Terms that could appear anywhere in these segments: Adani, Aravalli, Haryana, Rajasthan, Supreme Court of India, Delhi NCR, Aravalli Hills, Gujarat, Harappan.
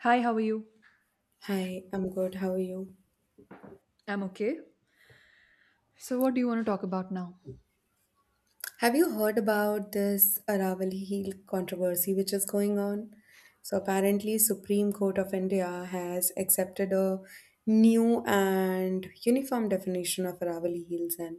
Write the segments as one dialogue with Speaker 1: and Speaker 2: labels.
Speaker 1: Hi, how are you?
Speaker 2: Hi, I'm good. How are you?
Speaker 1: I'm okay. So, what do you want to talk about now?
Speaker 2: Have you heard about this Aravalli Hill controversy which is going on? So apparently Supreme Court of India has accepted a new and uniform definition of Aravalli Hills and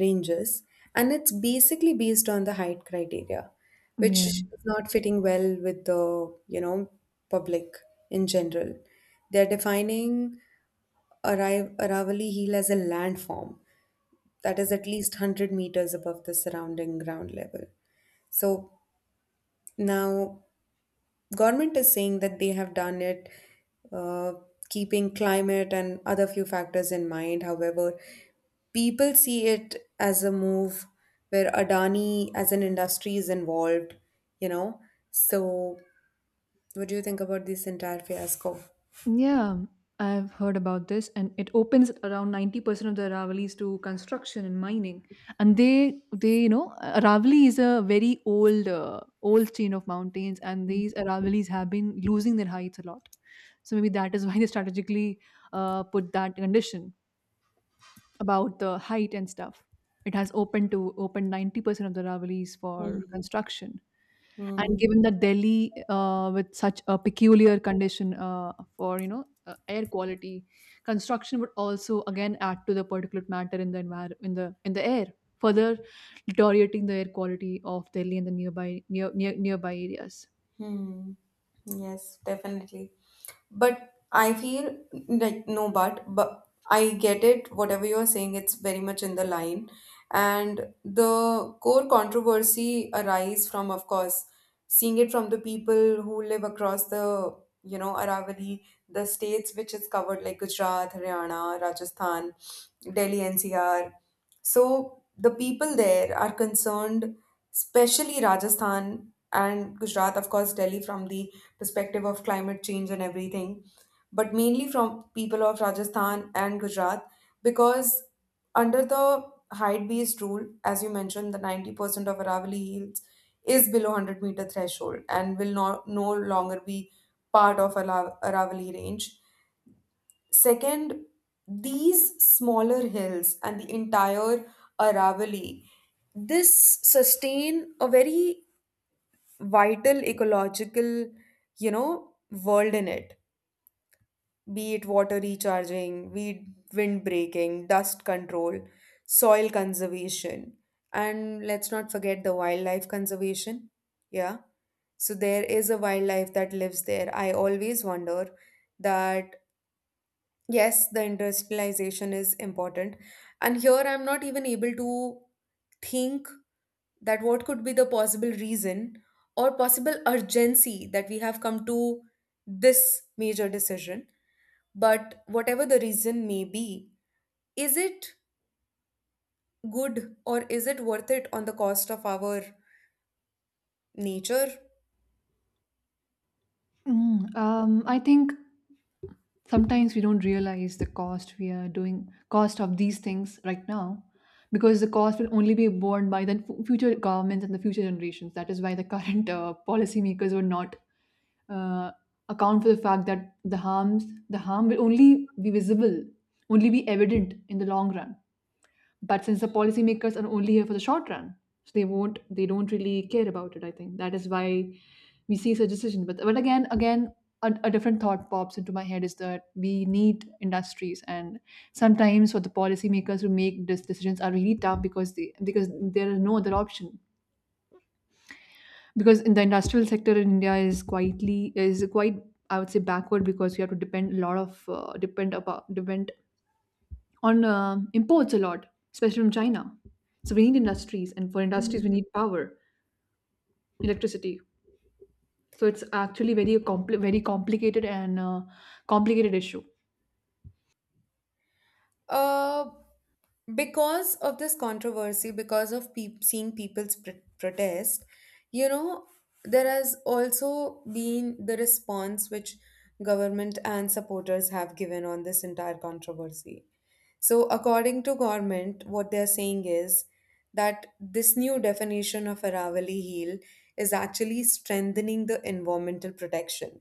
Speaker 2: ranges, and it's basically based on the height criteria, which
Speaker 1: Yeah.
Speaker 2: is not fitting well with the public in general. They're defining Aravalli Hill as a landform that is at least 100 meters above the surrounding ground level. So now government is saying that they have done it uh, keeping climate and other few factors in mind. However, people see it as a move where Adani as an industry is involved, you know. So what do you think about this entire fiasco?
Speaker 1: Yeah, I've heard about this, and it opens around 90% of the Aravallis to construction and mining. And you know, Aravalli is a very old, old chain of mountains, and these Aravallis have been losing their heights a lot. So maybe that is why they strategically put that condition about the height and stuff. It has opened to open 90% of the Aravallis for
Speaker 2: Hmm.
Speaker 1: construction. And
Speaker 2: Hmm.
Speaker 1: given that Delhi, with such a peculiar condition for you know air quality, construction would also again add to the particulate matter in the air, further deteriorating the air quality of Delhi and the nearby nearby areas.
Speaker 2: Hmm. Yes, definitely. But I feel like no, but I get it. Whatever you're saying, it's very much in the line, and the core controversy arise from, of course, seeing it from the people who live across the Aravalli, the states which is covered like Gujarat, Haryana, Rajasthan, Delhi NCR. So the people there are concerned, especially Rajasthan and Gujarat, of course, Delhi from the perspective of climate change and everything, but mainly from people of Rajasthan and Gujarat because under the height-based rule, as you mentioned, the 90% of Aravalli Hills is below 100-meter threshold and will not no longer be part of Aravalli range. Second, these smaller hills and the entire Aravalli this sustain a very vital ecological, you know, world in it, be it water recharging, weed, wind breaking, dust control, soil conservation, and let's not forget the wildlife conservation. Yeah. So there is a wildlife that lives there. I always wonder that yes, the industrialization is important. And here I'm not even able to think that what could be the possible reason or possible urgency that we have come to this major decision. But whatever the reason may be, is it good or is it worth it on the cost of our nature?
Speaker 1: I think sometimes we don't realize the cost we are doing cost of these things right now because the cost will only be borne by the future governments and the future generations. That is why the current policymakers were not uh, account for the fact that the harm will only be evident in the long run, but since the policymakers are only here for the short run, so they don't really care about it. I think that is why we see such decisions. But again, a different thought pops into my head is that we need industries, and sometimes for the policymakers who make these decisions are really tough because they because there is no other option, because in the industrial sector in India is quietly is quite I would say, backward, because you have to depend on imports a lot, especially from China. So we need industries, and for industries we
Speaker 2: Mhm.
Speaker 1: need power, electricity. So it's actually very complicated and complicated issue.
Speaker 2: Uh, because of this controversy, because of peop seeing people's protest, you know, there has also been the response which government and supporters have given on this entire controversy. So according to government, what they are saying is that this new definition of Aravali heel is actually strengthening the environmental protection,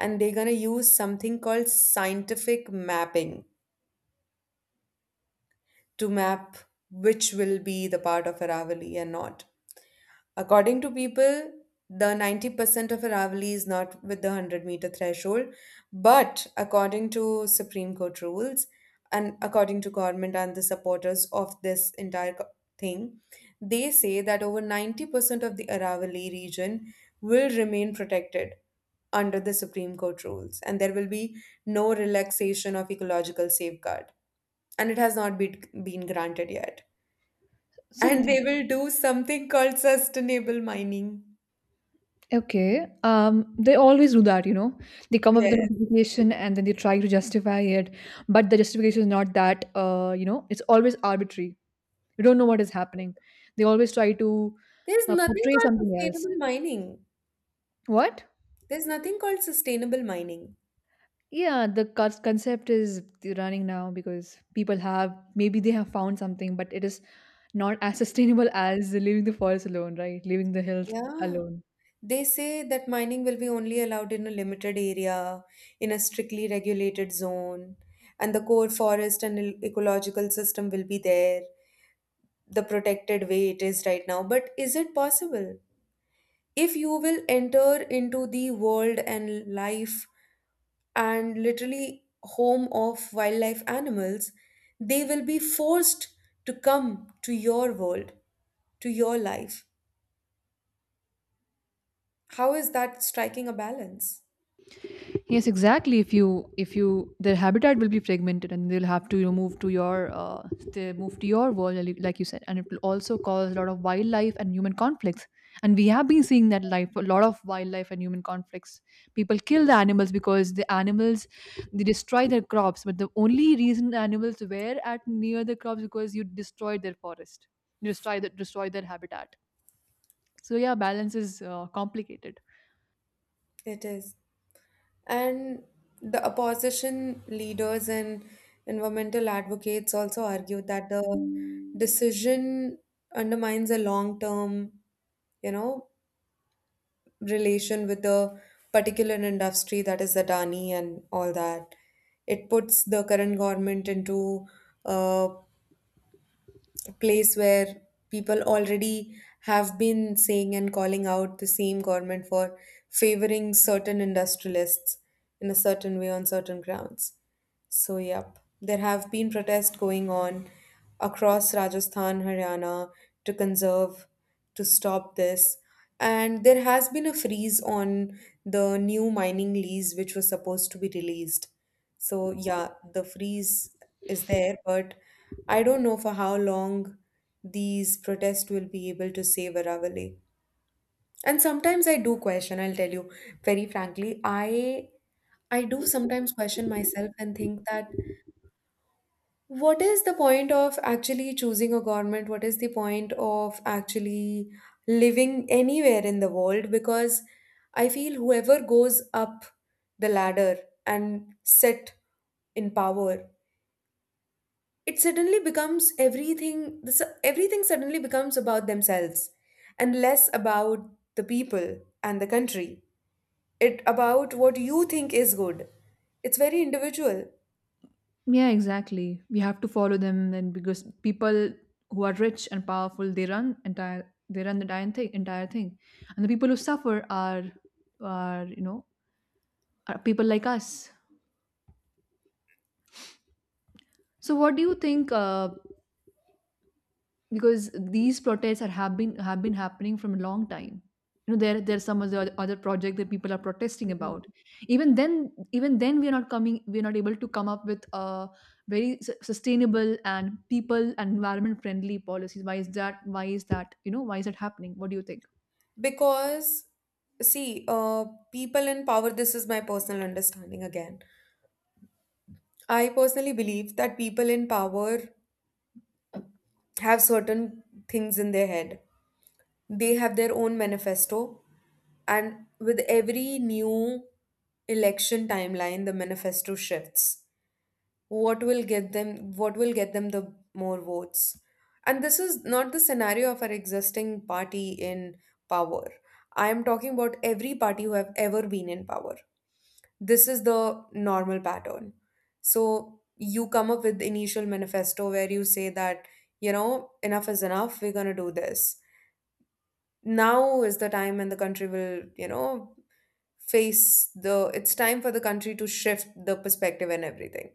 Speaker 2: and they're going to use something called scientific mapping to map which will be the part of Aravali and not. According to people, the 90% of Aravalli is not with the 100-meter threshold, but according to Supreme Court rules and according to government and the supporters of this entire thing, they say that over 90% of the Aravalli region will remain protected under the Supreme Court rules, and there will be no relaxation of ecological safeguard, and it has not been granted yet.
Speaker 1: So,
Speaker 2: And
Speaker 1: th-
Speaker 2: they will do something called sustainable mining.
Speaker 1: okay. Um, they always do that, you know. They come up with a
Speaker 2: Yes.
Speaker 1: notification and then they try to justify it, but the justification is not that, you know, it's always arbitrary. You don't know what is happening. They always try to
Speaker 2: There's nothing
Speaker 1: portray
Speaker 2: called
Speaker 1: something else.
Speaker 2: sustainable mining.
Speaker 1: What?
Speaker 2: There's nothing called sustainable mining.
Speaker 1: Yeah, the concept is running now because people have maybe they have found something, but it is not as sustainable as leaving the forest alone, right? Leaving the hills
Speaker 2: Yeah.
Speaker 1: alone.
Speaker 2: They say that mining will be only allowed in a limited area, in a strictly regulated zone, and the core forest and ecological system will be there, the protected way it is right now. But is it possible? If you will enter into the world and life and literally home of wildlife animals, they will be forced to come to your world, to your life. How is that striking a balance?
Speaker 1: Yes, exactly. If you their habitat will be fragmented, and they'll have to, you know, move to your they move to your world, like you said, and it will also cause a lot of wildlife and human conflicts. And we have been seeing that life a lot of wildlife and human conflicts. People kill the animals because the animals they destroy their crops, but the only reason animals were at near the crops because you destroyed their forest, you destroy their habitat. So yeah, balance is complicated.
Speaker 2: It is. And the opposition leaders and environmental advocates also argue that the decision undermines a long term, you know, relation with the particular industry, that is Adani and all that. It puts the current government into uh, place where people already have been saying and calling out the same government for favoring certain industrialists in a certain way on certain grounds. So, yep, there have been protests going on across Rajasthan, Haryana to conserve, to stop this. And there has been a freeze on the new mining lease, which was supposed to be released. So yeah, the freeze is there, but I don't know for how long these protests will be able to save Aravalli. And sometimes I do question, I'll tell you very frankly, I do sometimes question myself and think that what is the point of actually choosing a government? What is the point of actually living anywhere in the world? Because I feel whoever goes up the ladder and sit in power, it suddenly becomes everything, everything suddenly becomes about themselves and less about the people and the country. It about what you think is good. It's very individual.
Speaker 1: Yeah, exactly. We have to follow them then, because people who are rich and powerful, they run the entire thing, entire thing. And the people who suffer are are you know are people like us. So what do you think, because these protests have been happening from a long time, you know? There there's some other project that people are protesting about.
Speaker 2: Mhm.
Speaker 1: Even then we're not coming we're not able to come up with a sustainable and people and environment friendly policies. Why is that, you know? Why is that happening? What do you think?
Speaker 2: Because see, people in power, this is my personal understanding again, I personally believe that people in power have certain things in their head. They have their own manifesto, and with every new election timeline, the manifesto shifts. What will get them? What will get them the more votes? And this is not the scenario of our existing party in power. I am talking about every party who have ever been in power. This is the normal pattern. So you come up with the initial manifesto where you say that, you know, enough is enough, we're going to do this. Now is the time and the country will, you know, face the, it's time for the country to shift the perspective and everything.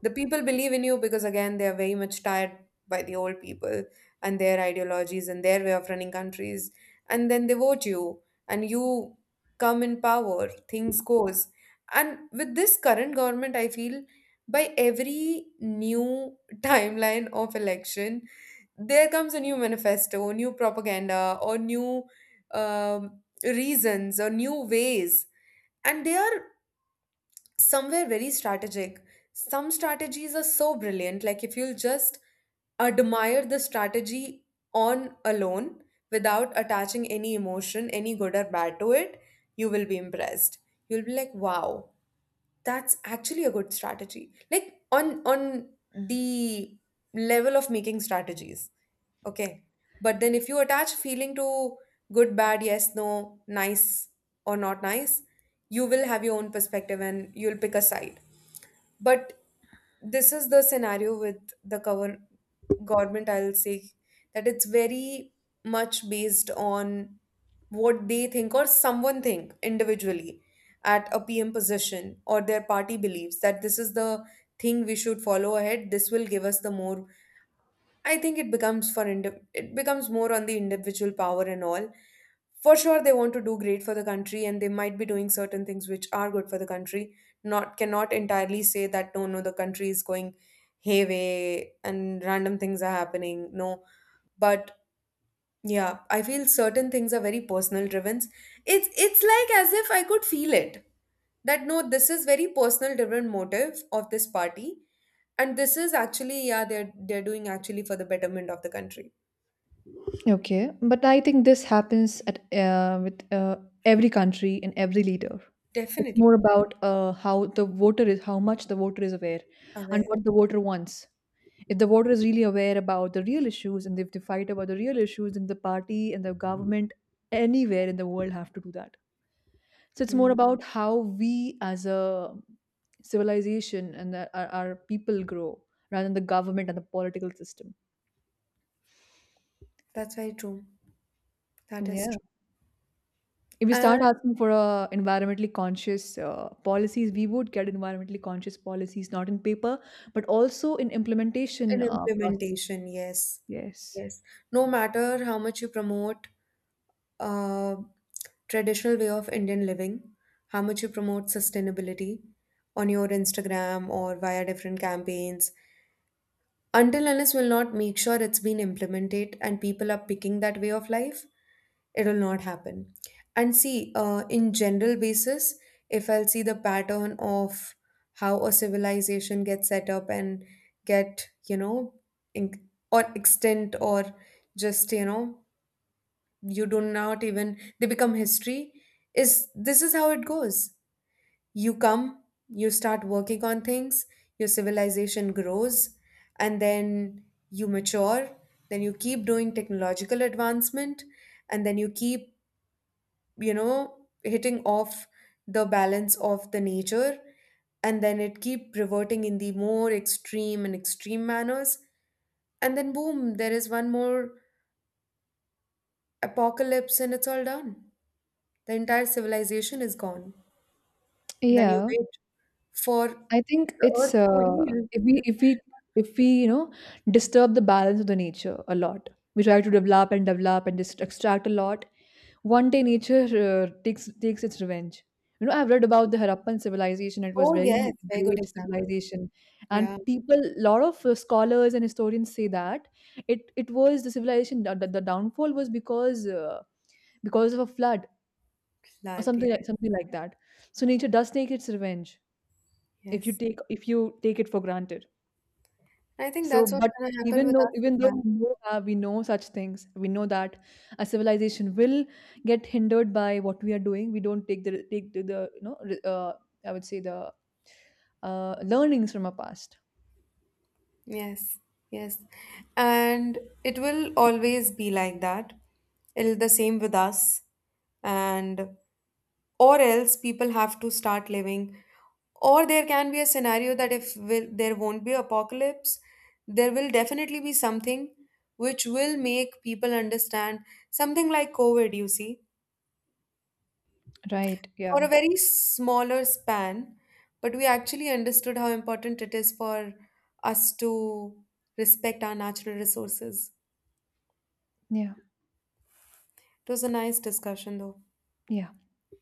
Speaker 2: The people believe in you because again they are very much tired by the old people and their ideologies and their way of running countries, and then they vote you and you come in power, things goes. And with this current government, I feel by every new timeline of election there comes a new manifesto, new propaganda, or new reasons or new ways. And they are somewhere very strategic. Some strategies are so brilliant. Like if you'll just admire the strategy on alone, without attaching any emotion, any good or bad to it, you will be impressed. You'll be like, wow, that's actually a good strategy. Like on the level of making strategies. Okay. But then if you attach feeling to good, bad, yes, no, nice or not nice, you will have your own perspective and you'll pick a side. But this is the scenario with the cover government, I'll say, that it's very much based on what they think or someone think individually at a pm position, or their party believes that this is the thing we should follow ahead, this will give us the more. I think it becomes for it becomes more on the individual power and all. For sure, they want to do great for the country, and they might be doing certain things which are good for the country. Not cannot entirely say that no, no, the country is going hayway and random things are happening. No, but yeah, I feel certain things are very personal driven. It's like as if I could feel it. That no, this is very personal driven motive of this party. And this is actually, yeah, they're doing actually for the betterment of the country.
Speaker 1: Okay, but I think this happens at, with every country and every leader. It's
Speaker 2: Definitely
Speaker 1: more about how the voter is, how much the voter is aware, and
Speaker 2: aware.
Speaker 1: what the voter wants. If the voter is really aware about the real issues, and if they fight about the real issues, then the party and the government anywhere in the world have to do that. So it's more
Speaker 2: Hmm.
Speaker 1: about how we as a civilization and our people grow, rather than the government and the political system.
Speaker 2: That's very true. That is
Speaker 1: Yeah,
Speaker 2: true.
Speaker 1: if we
Speaker 2: And
Speaker 1: start asking for environmentally conscious policies, we would get environmentally conscious policies, not in paper but also in implementation
Speaker 2: an
Speaker 1: process.
Speaker 2: implementation, yes.
Speaker 1: Yes.
Speaker 2: Yes. No matter how much you promote, uh. traditional way of Indian living, how much you promote sustainability on your Instagram or via different campaigns. Until unless we'll not make sure it's been implemented and people are picking that way of life, it will not happen. And see, in general basis, if I'll see the pattern of how a civilization gets set up and get, you know, in, or extent or just, you know, you do not even they become history, is this is how it goes. You come, you start working on things, your civilization grows, and then you mature, then you keep doing technological advancement, and then you keep, you know, hitting off the balance of the nature, and then it keep reverting in the more extreme and extreme manners, and then boom, there is one more apocalypse and it's all done. The entire civilization is gone. Then you
Speaker 1: Yeah.
Speaker 2: wait for
Speaker 1: I think
Speaker 2: the earth
Speaker 1: it's
Speaker 2: to heal.
Speaker 1: if we, you know, disturb the balance of the nature a lot, we try to develop and develop and just extract a lot. One day nature takes its revenge. You know, I've read about the Harappan civilization. It was
Speaker 2: Oh,
Speaker 1: very
Speaker 2: yes, very good
Speaker 1: great
Speaker 2: example.
Speaker 1: civilization, and
Speaker 2: Yeah.
Speaker 1: people, lot of scholars and historians say that it was the civilization the downfall was because of a flood or
Speaker 2: Flood, yeah,
Speaker 1: something like that. So nature does take its revenge if
Speaker 2: yes.
Speaker 1: you take it for granted.
Speaker 2: I think
Speaker 1: So,
Speaker 2: that's what's
Speaker 1: but
Speaker 2: gonna happen
Speaker 1: even
Speaker 2: with
Speaker 1: though
Speaker 2: us as
Speaker 1: even though
Speaker 2: well.
Speaker 1: we know such things, we know that a civilization will get hindered by what we are doing. We don't take the, you know, I would say the learnings from our past.
Speaker 2: Yes, yes. And it will always be like that. It'll the same with us. And or else people have to start living, or there can be a scenario that if will, there won't be apocalypse, there will definitely be something which will make people understand, something like covid you see,
Speaker 1: Right?
Speaker 2: for
Speaker 1: Yeah.
Speaker 2: a very smaller span, but we actually understood how important it is for us to respect our natural resources.
Speaker 1: Yeah.
Speaker 2: It was a nice discussion though.
Speaker 1: Yeah.